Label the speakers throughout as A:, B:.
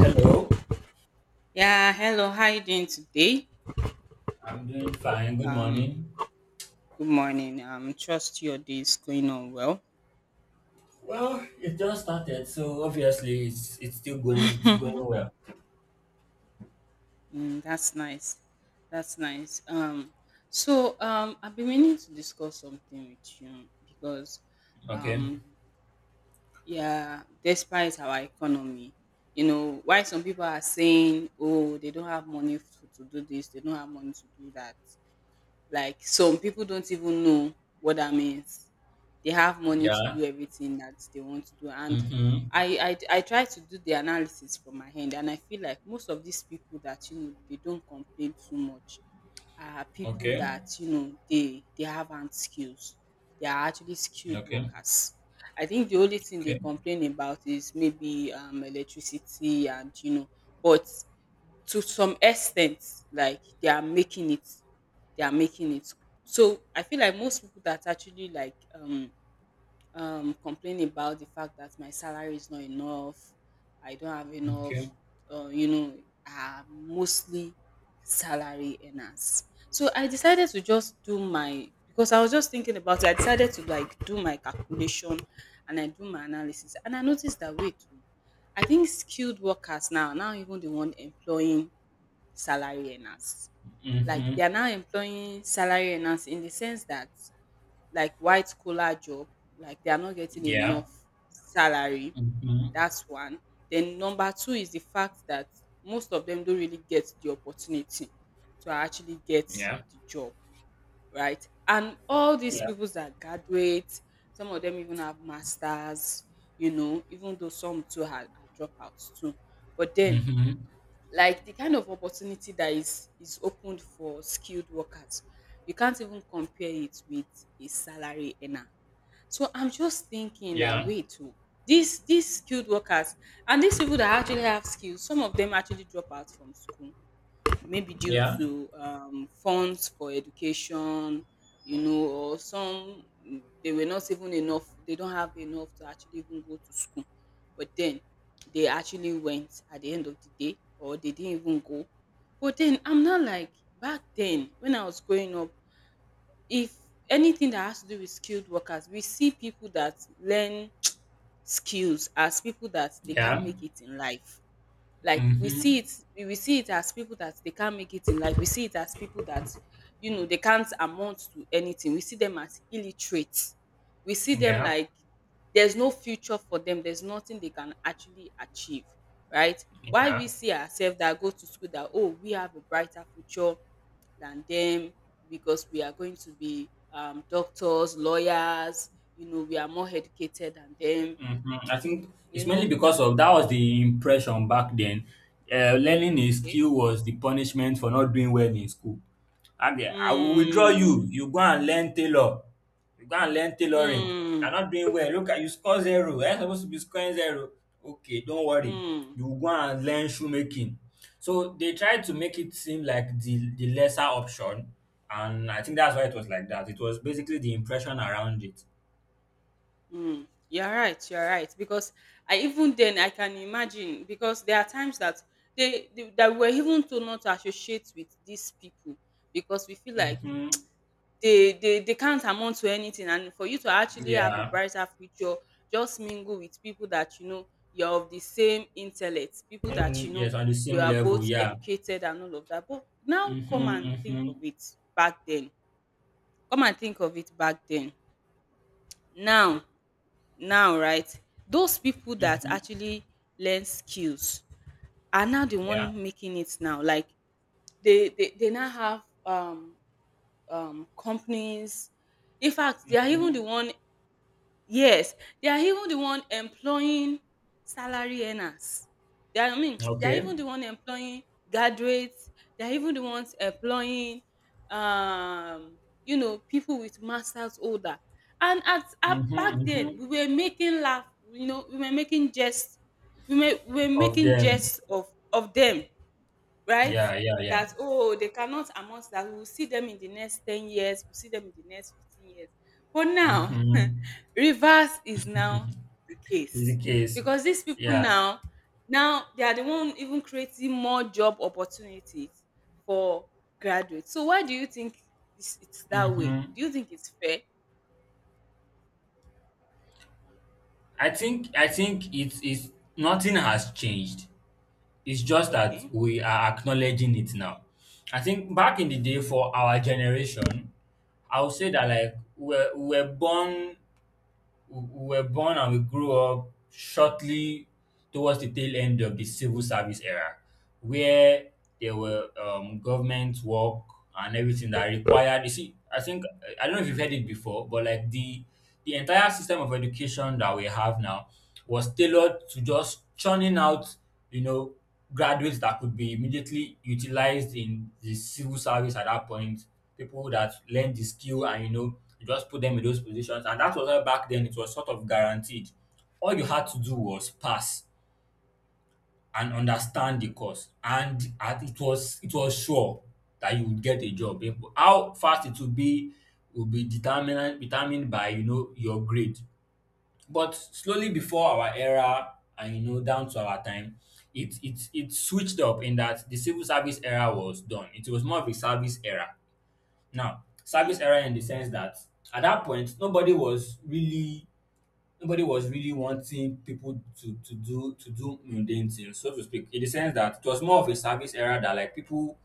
A: Hello,
B: Yeah, hello. How you doing today?
A: I'm doing fine. Good
B: Um,
A: morning.
B: Good morning. Trust your day is going on well.
A: Well, it just started, so obviously it's still going. It's going well.
B: Mm, that's nice. That's nice. So I've been meaning to discuss something with you because,
A: Okay.
B: um, yeah, despite our economy, you know, why some people are saying, oh, they don't have money to do this, they don't have money to do that. Like some people don't even know what that means. They have money to
A: Yeah.
B: do everything that they want to do. And
A: Mhm.
B: I try to do the analysis from my hand, and I feel like most of these people that, you know, they don't complain too much are people
A: Okay.
B: that, you know, they haven't skills. They are actually skilled
A: Okay.
B: workers. I think the only thing they
A: Okay.
B: complain about is maybe electricity, and but to some extent, like they are making it. They are making it. So I feel like most people that actually like complain about the fact that my salary is not enough, I don't have
A: Okay.
B: enough, uh, you know, are mostly salary earners. So I decided to just do my because I was just thinking about it. I decided to like do my calculation, and I do my analysis, and I noticed that wait, oh, I think skilled workers now, even the one employing salary earners. Like
A: Mhm.
B: they are now employing salary earners in the sense that, like, white collar job, like, they are not getting
A: Yeah.
B: enough salary.
A: Mhm.
B: That's one. Then number two is the fact that most of them don't really get the opportunity to actually get
A: Yeah.
B: the job, right? And all these
A: Yeah.
B: people that graduate, some of them even have masters, you know, even though some too are dropouts too. But then,
A: Mhm.
B: like, the kind of opportunity that is opened for skilled workers, you can't even compare it with a salary earner. So I'm just thinking that
A: Yeah.
B: wait, oh, these skilled workers and these people that actually have skills, some of them actually drop out from school maybe due
A: Yeah.
B: to funds for education, you know, or some they were not even enough, they don't have enough to actually even go to school. But then they actually went at the end of the day, or they didn't even go. But then I'm not, like, back then when I was growing up, if anything that has to do with skilled workers, we see people that learn skills as people that they can't
A: Yeah.
B: make it in life. Like we see
A: Mhm.
B: it, we see it as people that they can't make it in life, we see it as people that, you know, they can't amount to anything. We see them as illiterate, we see them
A: Yeah.
B: like there's no future for them, there's nothing they can actually achieve, right? Why we
A: Yeah.
B: see ourselves that go to school that, oh, we have a brighter future than them because we are going to be doctors, lawyers, you know, we are more educated than them,
A: Mhm. I think
B: you
A: it's mainly
B: know.
A: because of that was the impression back then. Learning a
B: Okay.
A: skill was the punishment for not doing well in school. Okay, I will withdraw you.
B: Mm.
A: You go and learn tailor. You go and learn tailoring. You're
B: Mm,
A: not doing well. Look at you score zero. You're supposed to be scoring zero. Okay, don't worry.
B: mm,
A: You will go and learn shoemaking. So they tried to make it seem like the lesser option, and I think that's why it was like that. It was basically the impression around it.
B: mm. You're right, you're right. Because I, even then, I can imagine because there are times that they that we're even told not to associate with these people because we feel like
A: Mm-hmm.
B: they can't amount to anything, and for you to actually have a
A: Yeah.
B: brighter future, just mingle with people that, you know, you're of the same intellect, people that,
A: Mm,
B: you know,
A: yes, on the
B: you
A: same
B: are
A: level.
B: both
A: Yeah.
B: educated and all of that. But now
A: Mm-hmm,
B: come and think
A: mm-hmm,
B: of it back then. Come and think of it back then. Now right, those people that
A: mm-hmm,
B: actually learn skills are now the
A: yeah,
B: one making it now. Like they now have companies. In fact, they are even
A: mm-hmm.
B: the one. Yes, they are even the one employing salary earners. They are, I mean, they are
A: Okay.
B: even the one employing graduates. They are even the ones employing, um, you know, people with masters older. And at
A: Mm-hmm,
B: back
A: mm-hmm.
B: then, we were making laugh. You know, we were making jest. We were
A: Of
B: making
A: them.
B: jest of them, right?
A: Yeah. Yeah. Yeah.
B: That, oh, they cannot amount, that we will see them in the next 10 years, we'll see them in the next 15 years. But now,
A: Mm-hmm.
B: reverse is now the
A: Is the
B: case
A: case.
B: because these people
A: Yeah.
B: now, they are the one even creating more job opportunities for graduates. So why do you think it's that way?
A: Mm-hmm.
B: Do you think it's fair?
A: I think it's nothing has changed. It's just that
B: Okay.
A: we are acknowledging it now. I think back in the day for our generation, I would say that like we were born and we grew up shortly towards the tail end of the civil service era, where there were government work and everything that required. You see, I think I don't know if you've heard it before, but like the entire system of education that we have now was tailored to just churning out, you know, graduates that could be immediately utilized in the civil service at that point. People that learn the skill and you know, you just put them in those positions. And that was why back then it was sort of guaranteed. All you had to do was pass and understand the course, and at it was sure that you would get a job. How fast it would be will be determinant determined by you know your grade. But slowly before our era and you know down to our time, it switched up in that the civil service era was done. It was more of a service era. Now, service
B: Mm.
A: era in the sense that at that point nobody was really wanting people to do mundane things, so to speak. In the sense that it was more of a service era that like people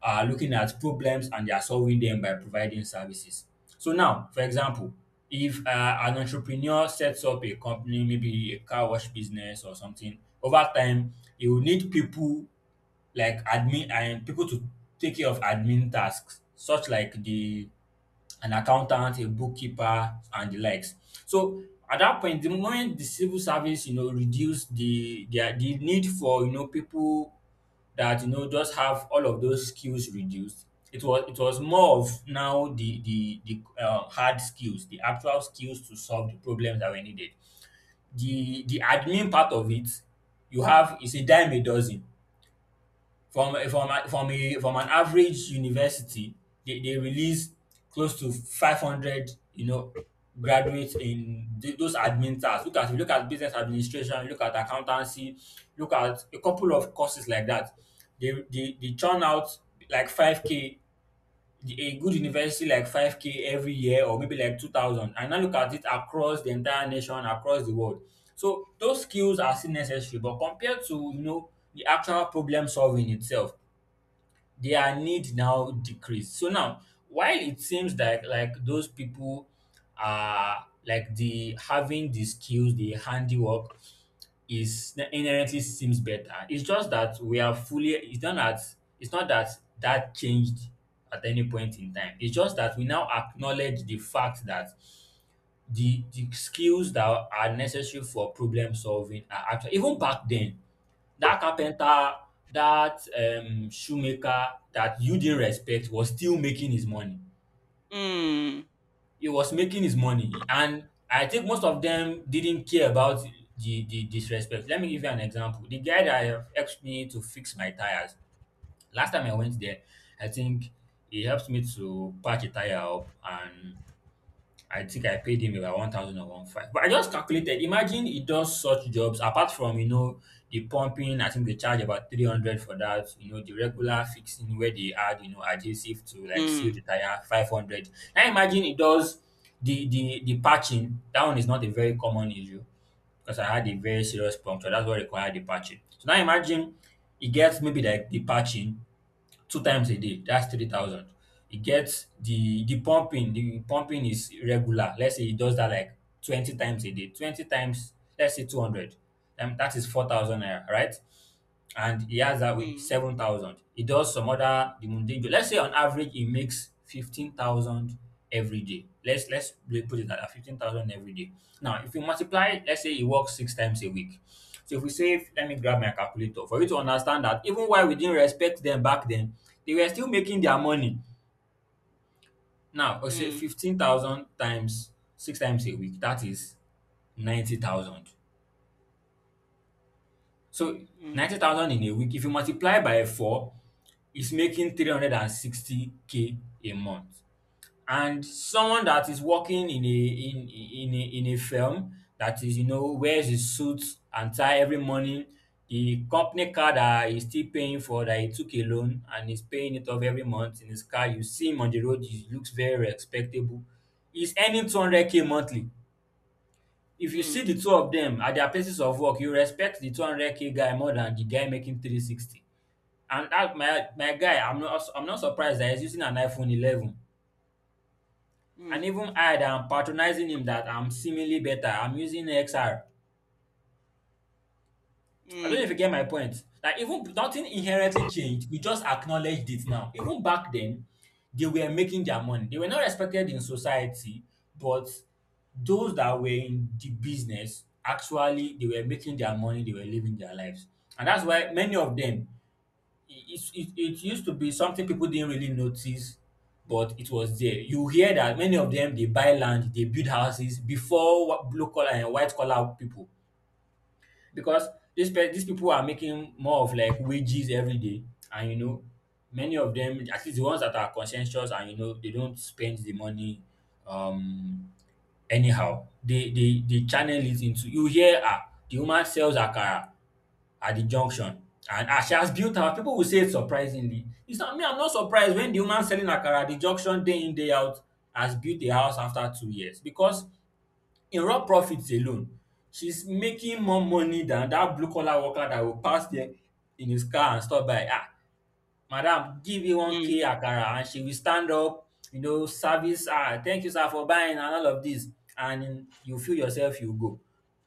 A: are looking at problems and they are solving them by providing services. So now, for example, if an entrepreneur sets up a company, maybe a car wash business or something, over time you will need people like admin and people to take care of admin tasks, such like the an accountant, a bookkeeper, and the likes. So at that point, the moment the civil service, you know, reduced the need for you know people that you know just have all of those skills reduced. It was more of now the hard skills, the actual skills to solve the problems that were needed. The admin part of it, you have is a dime a dozen from a from a from a from an average university, they release close to 500, you know, graduates in those admin tasks. Look at business administration, look at accountancy, look at a couple of courses like that. They churn out like 5K a good university like 5K every year or maybe like 2000, and now look at it across the entire nation across the world. So those skills are still necessary, but compared to you know the actual problem solving itself, their need now decrease. So now, while it seems like those people are like the having the skills, the handiwork is inherently seems better. It's just that we are fully. It's not that that changed at any point in time. It's just that we now acknowledge the fact that the skills that are necessary for problem solving are actually even back then that carpenter, that shoemaker that you didn't respect was still making his money.
B: Mm.
A: He was making his money, and I think most of them didn't care about the disrespect. Let me give you an example. The guy that have helped me to fix my tires. Last time I went there, I think he helped me to patch a tire up and I think I paid him about one thousand and one five. But I just calculated. Imagine he does such jobs apart from you know the pumping. I think they charge about 300 for that. You know the regular fixing where they add you know adhesive to like seal
B: Mm.
A: the tire 500. Now imagine he does the patching. That one is not a very common issue because I had a very serious puncture. That's what required the patching. So now imagine he gets maybe like the patching two times a day. That's 3,000. He gets the pumping. The pumping is regular. Let's say he does that like 20 times a day. 20 times, let's say 200. That is 4,000 naira, right? And he has that with
B: Mm.
A: 7,000. He does some other the mundane job. Let's say on average he makes 15,000 every day. Let's really put it at that, 15,000 every day. Now, if you multiply it, let's say he works six times a week. So if we say, let me grab my calculator for you to understand that even while we didn't respect them back then, they were still making their money. Now, I say
B: Mm.
A: 15,000 times six times a week, that is 90,000. So
B: Mm.
A: 90,000 in a week, if you multiply by four, is making 360K a month, and someone that is working in a firm that is you know wears his suit and tie every morning, the company car that he's still paying for, that he took a loan and he's paying it off every month in his car, you see him on the road, he looks very respectable, he's earning 200K monthly. If you see
B: Mm.
A: the two of them at their places of work, you respect the 200K guy more than the guy making 360. And that my guy, I'm not surprised that he's using an iPhone 11. And
B: Mm.
A: even I that I'm patronizing him that I'm seemingly better, I'm using XR. I don't know
B: Mm.
A: if you get my point. That even nothing inherently changed. We just acknowledged it now. Even back then, they were making their money. They were not respected in society, but those that were in the business actually they were making their money, they were living their lives. And that's why many of them it used to be something people didn't really notice, but it was there. You hear that many of them they buy land, they build houses before blue collar and white collar people because these people are making more of like wages every day, and you know many of them, at least the ones that are conscientious, and you know they don't spend the money um anyhow, they channel it into, you hear, ah, the woman sells akara at the junction. And as she has built her, people will say it surprisingly. It's not me, I'm not surprised when the woman selling akara at the junction day in, day out has built a house after 2 years because in raw profits alone, she's making more money than that blue collar worker that will pass there in his car and stop by. Ah, madam, give you
B: Mm. Mm.
A: 1K akara, and she will stand up, you know, service, ah, thank you, sir, for buying and all of this. And you feel yourself, you go,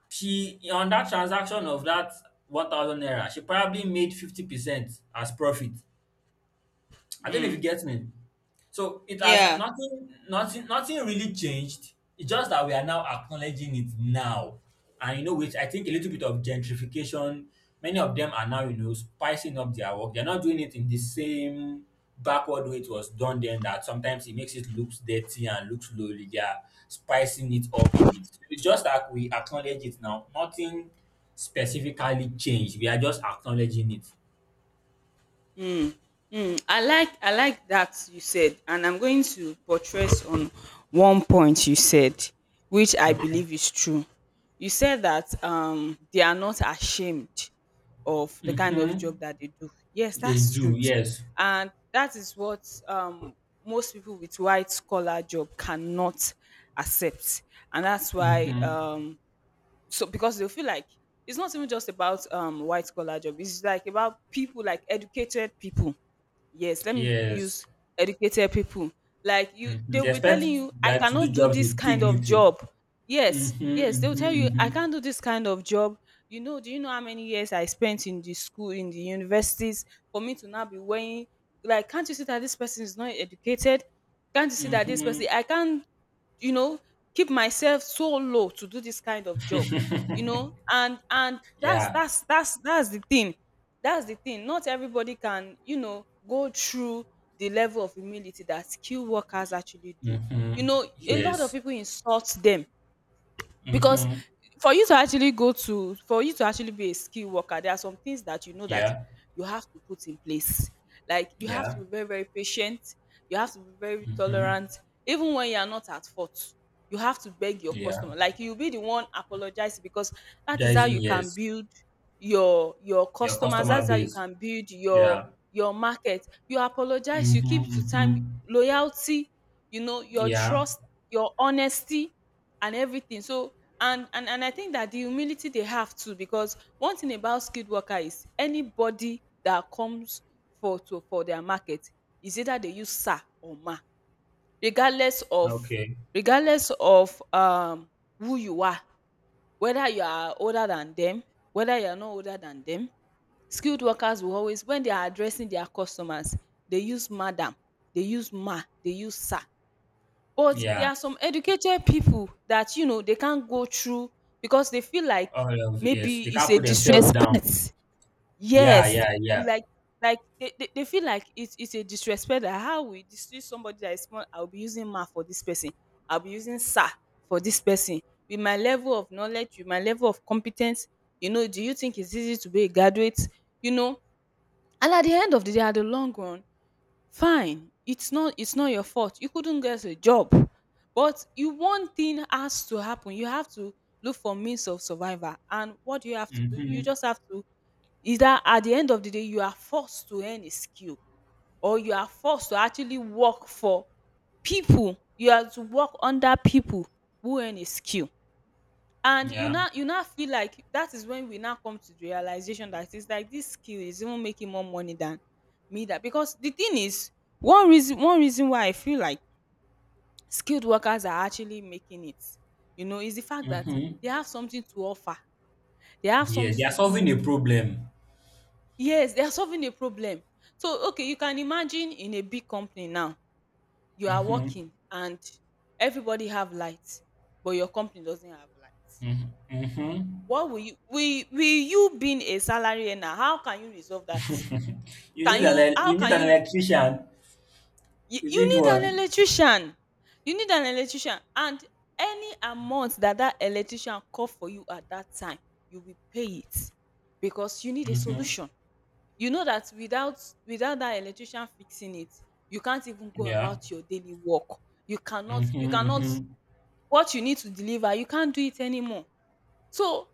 A: she on that transaction of that 1,000 naira she probably made 50% as profit. I don't know if
B: Mm.
A: you get me. So it has
B: Yeah.
A: nothing, nothing, nothing really changed. It's just that we are now acknowledging it now, and you know, which I think a little bit of gentrification. Many of them are now, you know, spicing up their work. They're not doing it in the same backward way it was done then. That sometimes it makes it looks dirty and looks lowly. They are spicing it up a bit. It's just that we acknowledge it now. Nothing specifically changed. We are just acknowledging it.
B: Mm, mm. I like that you said, and I'm going to buttress on one point you said, which I
A: Okay.
B: believe is true. You said that they are not ashamed of the kind of job
A: Mm-hmm.
B: that they do. Yes,
A: They
B: that's
A: do.
B: truth,
A: Yes.
B: and that is what, most people with white collar job cannot accept, and that's why
A: Mhm.
B: so because they feel like it's not even just about white collar job. It's like about people, like educated people. Yes, let me
A: Yes.
B: use educated people like you.
A: Mhm. They
B: They'll be
A: expect
B: telling you, I
A: that to do
B: cannot do
A: jobs
B: this
A: with
B: kind of
A: dignity.
B: job. Yes, yes,
A: Mhm,
B: they'll tell you, I
A: mhm,
B: can't do this kind of job. You know, do you know how many years I spent in the school, in the universities, for me to now be wearing, like, can't you see that this person is not educated, can't you see that this
A: mhm,
B: person, I can't, you know, keep myself so low to do this kind of job. You
A: mhm.
B: know, and and that's
A: Yeah.
B: that's that's that's the thing, that's the thing. Not everybody can, you know, go through the level of humility that skilled workers actually do. You
A: Mhm.
B: know, a lot of
A: Yes.
B: people insult them because
A: Mhm.
B: for you to actually go to, for you to actually be a skilled worker, there are some things that, you know, that
A: Yeah.
B: you have to put in place. Like, you have to
A: Yeah.
B: be very, very patient, you have to be very
A: Mhm.
B: tolerant, even when you are not at fault you have to beg your
A: Yeah.
B: customer, like, you be the one apologize, because that is how
A: Jason,
B: you can
A: yes.
B: build your
A: Your
B: customers,
A: customer
B: that's how you
A: base.
B: can build
A: Yeah.
B: your market. You apologize, you
A: Mhm,
B: keep to
A: mhm.
B: time, loyalty, you know, your
A: Yeah.
B: trust, your honesty, and everything. So and I think that the humility they have too, because one thing about skilled worker is anybody that comes for to for their market is either they use sir or ma, regardless of
A: Okay.
B: regardless of um who you are, whether you are older than them, whether you are not older than them, skilled workers will always, when they are addressing their customers, they use madam, they use ma, they use sir. But there
A: Yeah.
B: are some educated people that, you know, they can't go through because they feel like
A: All of yes.
B: maybe
A: They
B: it's
A: can't
B: a
A: put themselves down.
B: disrespect.
A: Yeah.
B: Yes.
A: Yeah. Yeah.
B: Like like they feel like it's a disrespect. That how we distress somebody that is small, I'll be using math for this person. I'll be using sir for this person. With my level of knowledge, with my level of competence, you know, do you think it's easy to be a graduate? You know, and at the end of the day, at the long run, fine, it's not your fault. You couldn't get a job. But you, one thing has to happen. You have to look for means of survival. And what do you have to do? You
A: Mhm.
B: just have to either, at the end of the day, you are forced to earn a skill or you are forced to actually work for people. You have to work under people who earn a skill, and you
A: Yeah.
B: now, you now feel like that is when we now come to the realization that it's like this skill is even making more money than me. That because the thing is, one reason, why I feel like skilled workers are actually making it, you know, is the fact that
A: Mhm.
B: they have something to offer, they have
A: Yes.
B: something
A: They are
B: to
A: solving
B: give.
A: a problem.
B: Yes, they are solving a problem. So, okay, you can imagine in a big company now, you are
A: Mhm,
B: working, and everybody have lights, but your company doesn't have light.
A: mhm, mhm,
B: What will you, being a salary earner, how can you resolve that?
A: mhm. You need
B: Can
A: an
B: you how
A: you need
B: can
A: an
B: you
A: electrician.
B: you
A: You
B: you
A: need
B: need an
A: one.
B: electrician. You need an electrician, and any amount that that electrician call for you at that time, you will pay it because you need a
A: Mhm.
B: solution. You know that without, that electrician fixing it, you can't even go
A: Yeah.
B: about your daily work. You cannot,
A: Mhm, mhm.
B: what you need to deliver, you can't do it anymore. So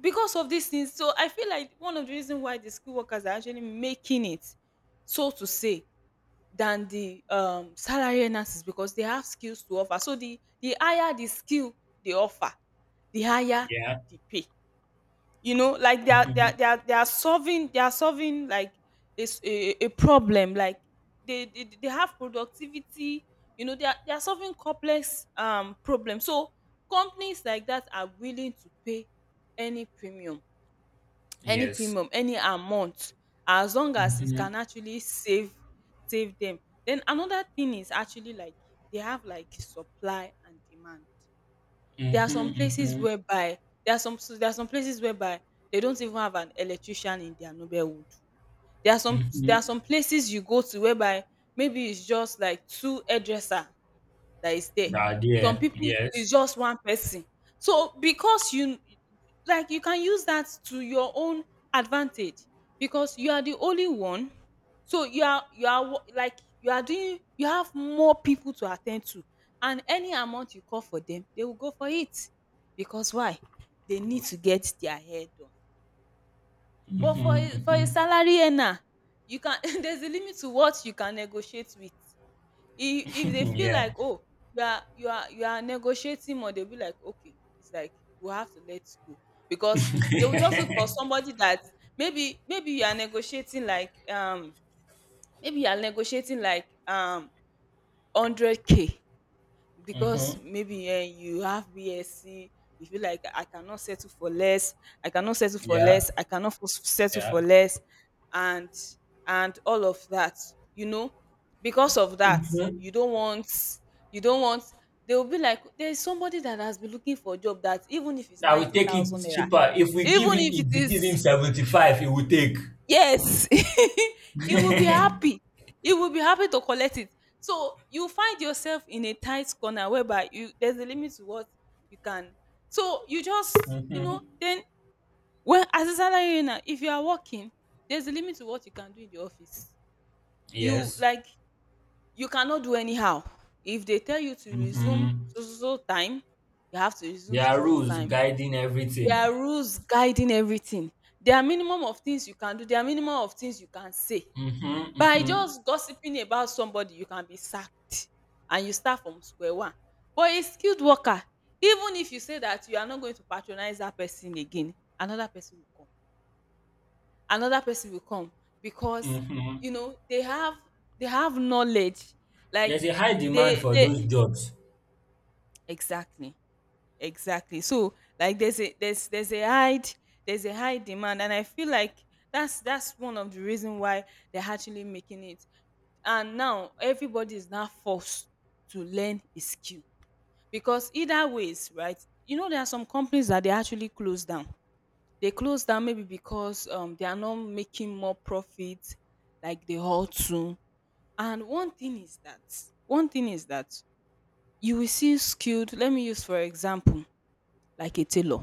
B: because of these things, so I feel like one of the reasons why the skilled workers are actually making it, so to say, than the salary earners is because they have skills to offer. So the higher the skill they offer, the higher
A: Yeah.
B: the pay, you know, like they are they
A: Mhm.
B: are they are, they are solving like this a problem, like they have productivity. You know, they are solving complex problems, so companies like that are willing to pay any premium,
A: Yes.
B: any amount, as long as it
A: Mhm,
B: can actually save, save them. Then another thing is actually like they have like supply and demand. There are some places
A: mhm,
B: whereby there are some places whereby they don't even have an electrician in their nobelwood. There are some
A: mhm,
B: there are
A: mhm.
B: some places you go to whereby maybe it's just like two hairdresser that is there.
A: Ah,
B: Some
A: dear.
B: people
A: Yes.
B: is just one person. So because you, like you can use that to your own advantage because you are the only one. So like you are doing, you have more people to attend to, and any amount you call for them, they will go for it. Because why? They need to get their hair done. But for a
A: Mhm,
B: salary earner, you can there's a limit to what you can negotiate with. If they
A: mhm.
B: feel
A: Yeah.
B: like, oh, you are negotiating more, they'll be like, okay, it's like we have to let go, because they will just look for somebody that, maybe you are negotiating like maybe you are negotiating like um 100K because
A: Mhm.
B: maybe you have BSc, you feel like, I cannot settle for less, I cannot settle for
A: Yeah.
B: less, I cannot f- settle for
A: Yeah.
B: less, and all of that, you know, because of that,
A: Mhm.
B: you don't want, you don't want. They will be like, there is somebody that has been looking for a job that even if it's
A: I will
B: ninety
A: take it
B: thousand naira,
A: cheaper. If we give
B: even
A: him,
B: if it
A: if we give him
B: is.
A: 75, he will take.
B: Yes, it will be happy. It will be happy to collect it. So you find yourself in a tight corner whereby you, there's a limit to what you can. So you just, you
A: Mhm.
B: know, then when, as a salary earner, if you are working, there's a limit to what you can do in the office. You,
A: Yes.
B: like, you cannot do anyhow. If they tell you to resume
A: Mhm.
B: so so so time, you have to resume
A: There
B: so
A: are
B: so so
A: rules
B: time.
A: guiding
B: There
A: everything.
B: are rules guiding everything. There are minimum of things you can do. There are minimum of things you can say.
A: Mhm,
B: By
A: mhm,
B: just gossiping about somebody you can be sacked and you start from square one. But a skilled worker, even if you say that you are not going to patronize that person again, another person will come. Another person will come because,
A: mhm.
B: you know, they have, they have knowledge, like
A: There's a high demand
B: they
A: for
B: they
A: those jobs.
B: exactly, exactly so like there's a high demand, and I feel like that's one of the reason why they're actually making it, and now everybody is now forced to learn a skill because either ways, right? You know, there are some companies that they actually close down. They close down maybe because they are not making more profit like they ought to. And one thing is that you will see skilled, let me use for example, like a tailor.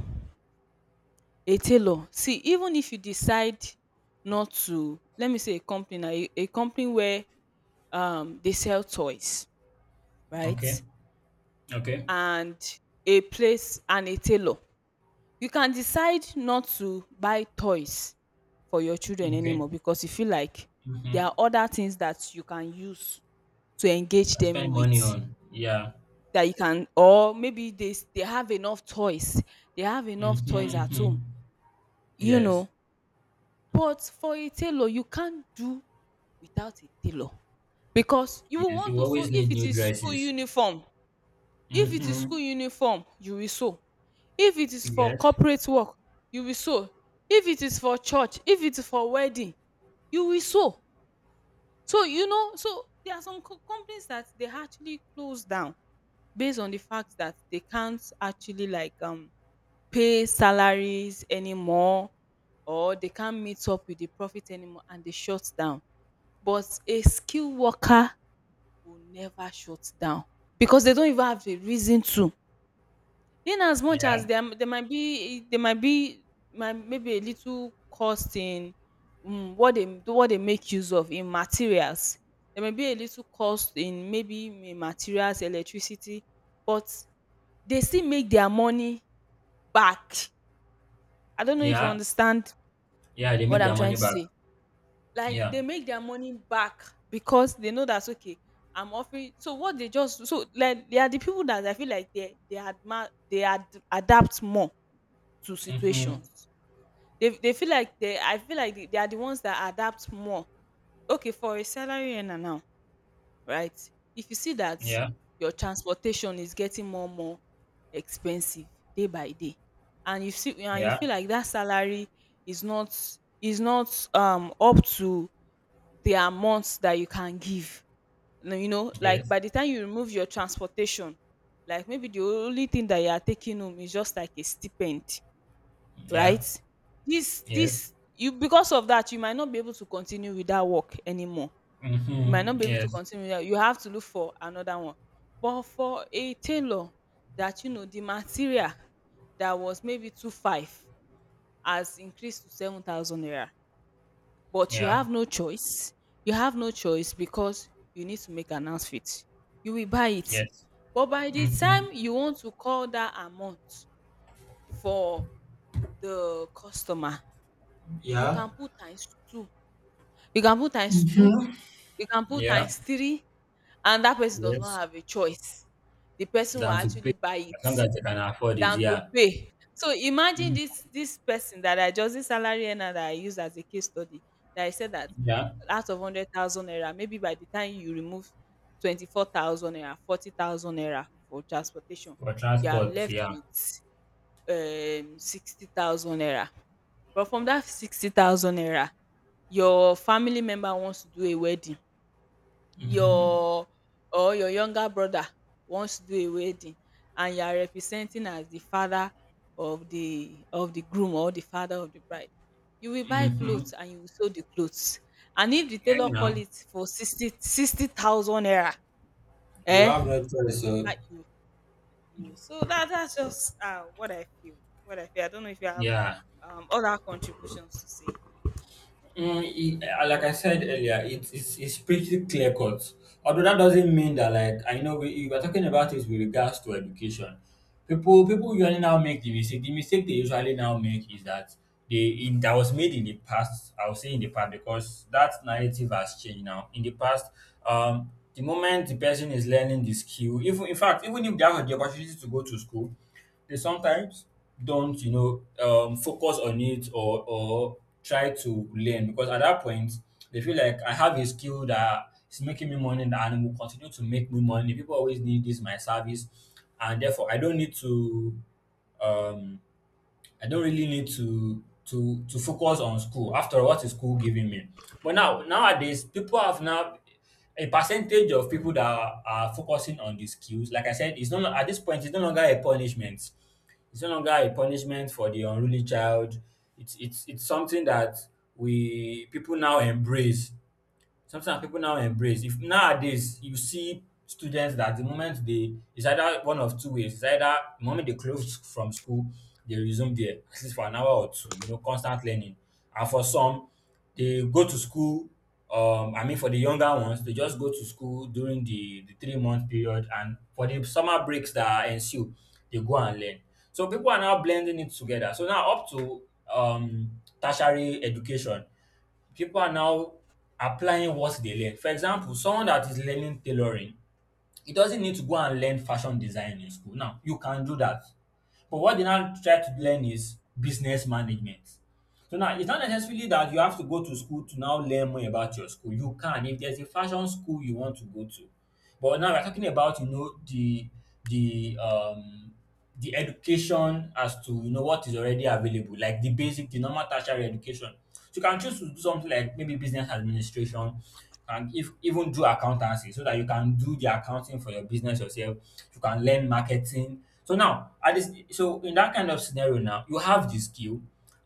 B: A tailor, see, even if you decide not to, let me say a company, a company where they sell toys, right?
A: Okay, okay,
B: And a place and a tailor. You can decide not to buy toys for your children
A: okay.
B: anymore because you feel like there
A: Mhm.
B: are other things that you can use to engage
A: I
B: them
A: spend money
B: with,
A: on. Yeah.
B: that you can, or maybe they have enough toys. They have
A: Mhm,
B: enough toys at home,
A: mhm.
B: you
A: Yes,
B: know. But for a tailor, you can't do without a tailor because you will
A: yes.
B: want
A: You
B: to sew
A: always
B: if
A: need
B: it
A: new
B: is school
A: dresses.
B: uniform. If it is school
A: Mhm.
B: uniform, you will sew. If it is for
A: Yes.
B: corporate work, you will sow. If it is for church, if it is for wedding, you will sow. So, you know, so there are some companies that they actually close down based on the fact that they can't actually like pay salaries anymore, or they can't meet up with the profit anymore, and they shut down. But a skilled worker will never shut down because they don't even have the reason to. In as much as
A: Yeah.
B: there might be might maybe a little cost in what they, make use of in materials. There may be a little cost in maybe in materials, electricity, but they still make their money back. I don't know if you
A: Yeah.
B: understand
A: Yeah. They make
B: what
A: their
B: I'm trying
A: money
B: to
A: back.
B: say. Like
A: Yeah.
B: they make their money back because they know that's okay. I'm offering so what they, just so, like they are the people that I feel like they admire they ad, adapt more to
A: Mhm.
B: situations. They feel like they I feel like they are the ones that adapt more. Okay, for a salary earner now, right? If you see that
A: Yeah.
B: your transportation is getting more and more expensive day by day, and you see and you
A: Yeah.
B: feel like that salary is not, is not up to the amount that you can give. No, you know, like
A: Yes.
B: by the time you remove your transportation, like maybe the only thing that you are taking home is just like a stipend,
A: Yeah.
B: right? This
A: Yes.
B: this you, because of that, you might not be able to continue with that work anymore. You might
A: Mhm.
B: not be able to
A: Yes.
B: continue with that. You have to look for another one. But for a tailor, that, you know, the material that was maybe two five has increased to 7,000 naira. But you
A: Yeah.
B: have no choice. You have no choice because you need to make an outfit. You will buy it.
A: Yes.
B: But by the
A: Mhm.
B: time you want to call that amount for the customer, you
A: Yeah.
B: can put times two, you can put times two you can put
A: Yeah.
B: times three, and that person does not
A: Yes.
B: have a choice, the person will
A: Than to
B: actually
A: pay
B: buy
A: as
B: it
A: long as they can afford it.
B: than to
A: Yeah.
B: pay. So imagine
A: Mm.
B: this, this person that I just this salary earner that I use as a case study, that I said that
A: Yeah,
B: out of 100,000 naira, maybe by the time you remove 24,000 naira, 40,000 naira for transportation,
A: for
B: you are
A: transport.
B: left
A: Yeah.
B: with 60,000 naira. But from that 60,000 naira, your family member wants to do a wedding,
A: Mm-hmm.
B: your, or your younger brother wants to do a wedding, and you are representing as the father of the groom, or the father of the bride. You will buy
A: Mm-hmm.
B: clothes, and you will sew the clothes. And if the
A: And
B: tailor call
A: now,
B: it for sixty thousand 60,000 naira,
A: you
B: eh,
A: have no choice,
B: you will
A: so
B: buy, you. So that, that's just what I feel. What I feel. I don't know if you have
A: yeah.
B: other contributions to say.
A: Mm, it, like I said earlier, it's, it's pretty clear cut. Although that doesn't mean that, like, I know we are talking about it with regards to education. People usually now make the mistake. The mistake they usually now make is that they, in that, was made in the past. I will say in the past because that narrative has changed now. In the past, the moment the person is learning the skill, even, in fact, even if they have the opportunity to go to school, they sometimes don't, you know, focus on it, or try to learn, because at that point they feel like I have a skill that is making me money and it will continue to make me money. People always need this my service, and therefore I don't need to, um I don't really need to to focus on school. After all, what is school giving me? But now, nowadays, people have now a percentage of people that are focusing on the skills. Like I said, it's no lo- at this point it's no longer a punishment. It's no longer a punishment for the unruly child. It's it's something that we people now embrace, something people now embrace. If nowadays you see students that, the moment they, it's either one of two ways: it's either the moment they close from school they resume there at least for an hour or two, you know, constant learning, and for some they go to school, I mean for the younger ones they just go to school during the 3 month period and for the summer breaks that ensue they go and learn. So people are now blending it together. So now up to, um tertiary education, people are now applying what they learn. For example, someone that is learning tailoring, he doesn't need to go and learn fashion design in school. Now, you can do that. But what they now try to learn is business management. So now it's not necessarily that you have to go to school to now learn more about your school. You can, if there's a fashion school you want to go to. But now we're talking about, you know, the um the education as to, you know, what is already available, like the basic, the normal tertiary education. So you can choose to do something like maybe business administration, and if even do accountancy so that you can do the accounting for your business yourself. You can learn marketing. So now at this, so in that kind of scenario now you have the skill.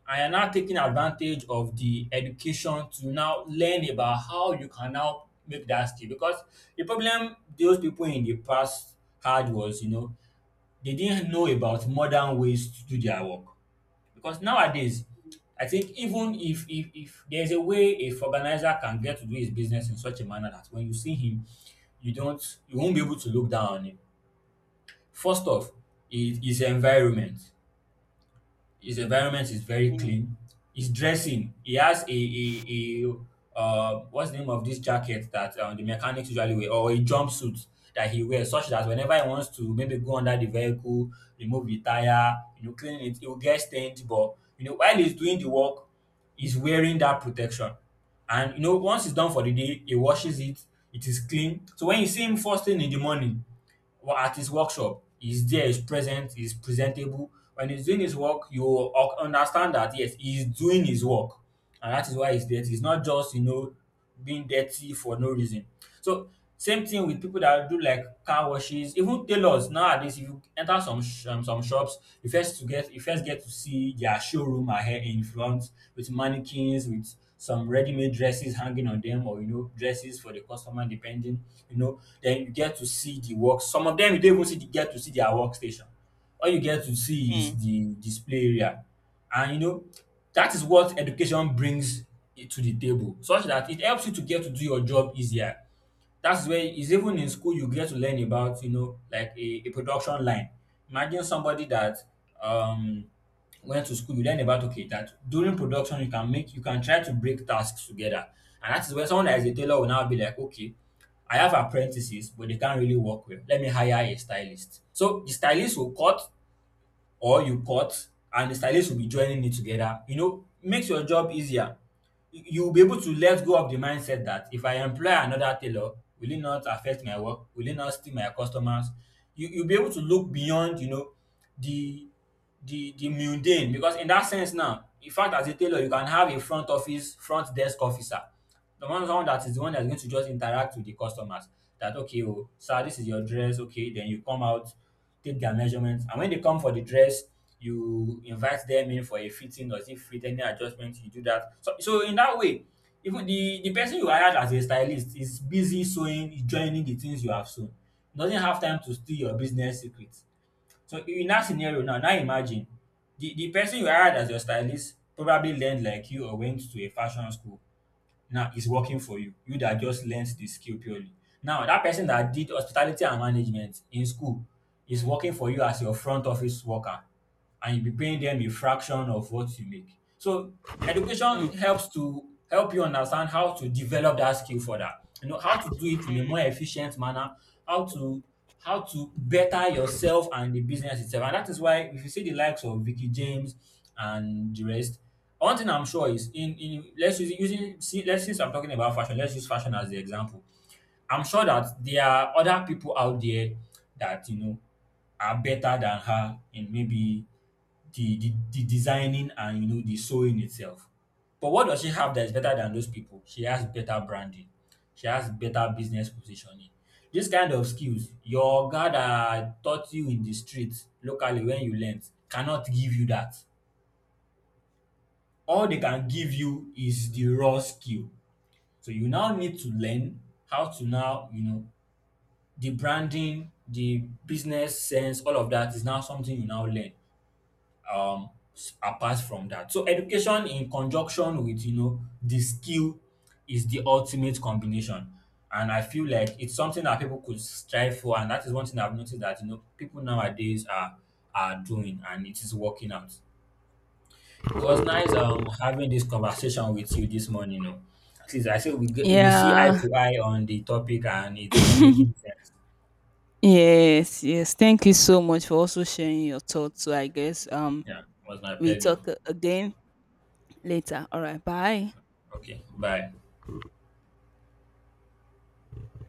A: I am now taking advantage of the education to now learn about how you can now make that skill, because the problem those people in the past had was, you know, they didn't know about modern ways to do their work. Because nowadays I think even if there's a way a organizer can get to do his business in such a manner that when you see him, you won't be able to look down on him. First off is his environment. His environment is very
B: Mm,
A: clean. His dressing, he has a what's the name of this jacket that, the mechanics usually wear, or a jumpsuit that he wears such that whenever he wants to maybe go under the vehicle, remove the tire, you know, clean it, it will get stained. But, you know, while he's doing the work, he's wearing that protection. And you know, once it's done for the day, he washes it, it is clean. So when you see him first thing in the morning, at his workshop, he's there, he's present, he's presentable. When he's doing his work, you will understand that yes, he's doing his work, and that is why he's there. He's not just, you know, being dirty for no reason. So same thing with people that do like car washes, even tailors nowadays. If you enter some some shops, you first to get you first get to see their showroom ahead in front with mannequins, with some ready-made dresses hanging on them, or you know dresses for the customer depending. You know, then you get to see the work. Some of them you don't even get to see their workstation. All you get to see is
B: mm.
A: the display area. And you know, that is what education brings it to the table, such that it helps you to get to do your job easier. That's where is, even in school you get to learn about, you know, like a production line. Imagine somebody that, um went to school, you learn about okay, that during production you can make you can try to break tasks together, and that is where someone that is a tailor will now be like, okay, I have apprentices, but they can't really work well. Let me hire a stylist. So the stylist will cut, or you cut and the stylist will be joining it together. You know, makes your job easier. You will be able to let go of the mindset that if I employ another tailor, will it not affect my work? Will it not steal my customers? You'll be able to look beyond, you know, the the mundane, because in that sense now, in fact as a tailor you can have a front office, front desk officer. The one someone that is the one that's going to just interact with the customers that, okay, oh sir, this is your dress, okay. Then you come out, take their measurements, and when they come for the dress, you invite them in for a fitting, or if fit any adjustment, you do that. So so in that way, even the person you hired as a stylist is busy sewing, joining the things you have sewn. Doesn't have time to steal your business secrets. So in that scenario now, now imagine the person you hired as your stylist probably learned like you, or went to a fashion school, now it's working for you, you that just learnt the skill purely. Now that person that did hospitality and management in school is working for you as your front office worker, and you'll be paying them a fraction of what you make. So education helps to help you understand how to develop that skill further, you know, how to do it in a more efficient manner, how to, how to better yourself and the business itself. And that is why, if you see the likes of Vicky James and the rest. One thing I'm sure is in let's use using see let's, since I'm talking about fashion, let's use fashion as the example. I'm sure that there are other people out there that, you know, are better than her in maybe the designing and, you know, the sewing itself. But what does she have that is better than those people? She has better branding. She has better business positioning. This kind of skills, your guy that taught you in the street locally when you learnt cannot give you that. All they can give you is the raw skill. So you now need to learn how to now, you know, the branding, the business sense, all of that is now something you now learn. Um, apart from that, so education in conjunction with, you know, the skill is the ultimate combination, and I feel like it's something that people could strive for, and that is one thing I've noticed that, you know, people nowadays are doing, and it is working out. It was nice having this conversation with you this morning. Oh. At least I say we see eye
B: Yeah.
A: to eye on the topic and it's making sense.
B: Yes, yes. Thank you so much for also sharing your thoughts. So I guess
A: Yeah, it was my
B: we
A: pleasure.
B: talk again later. All right. Bye.
A: Okay, bye.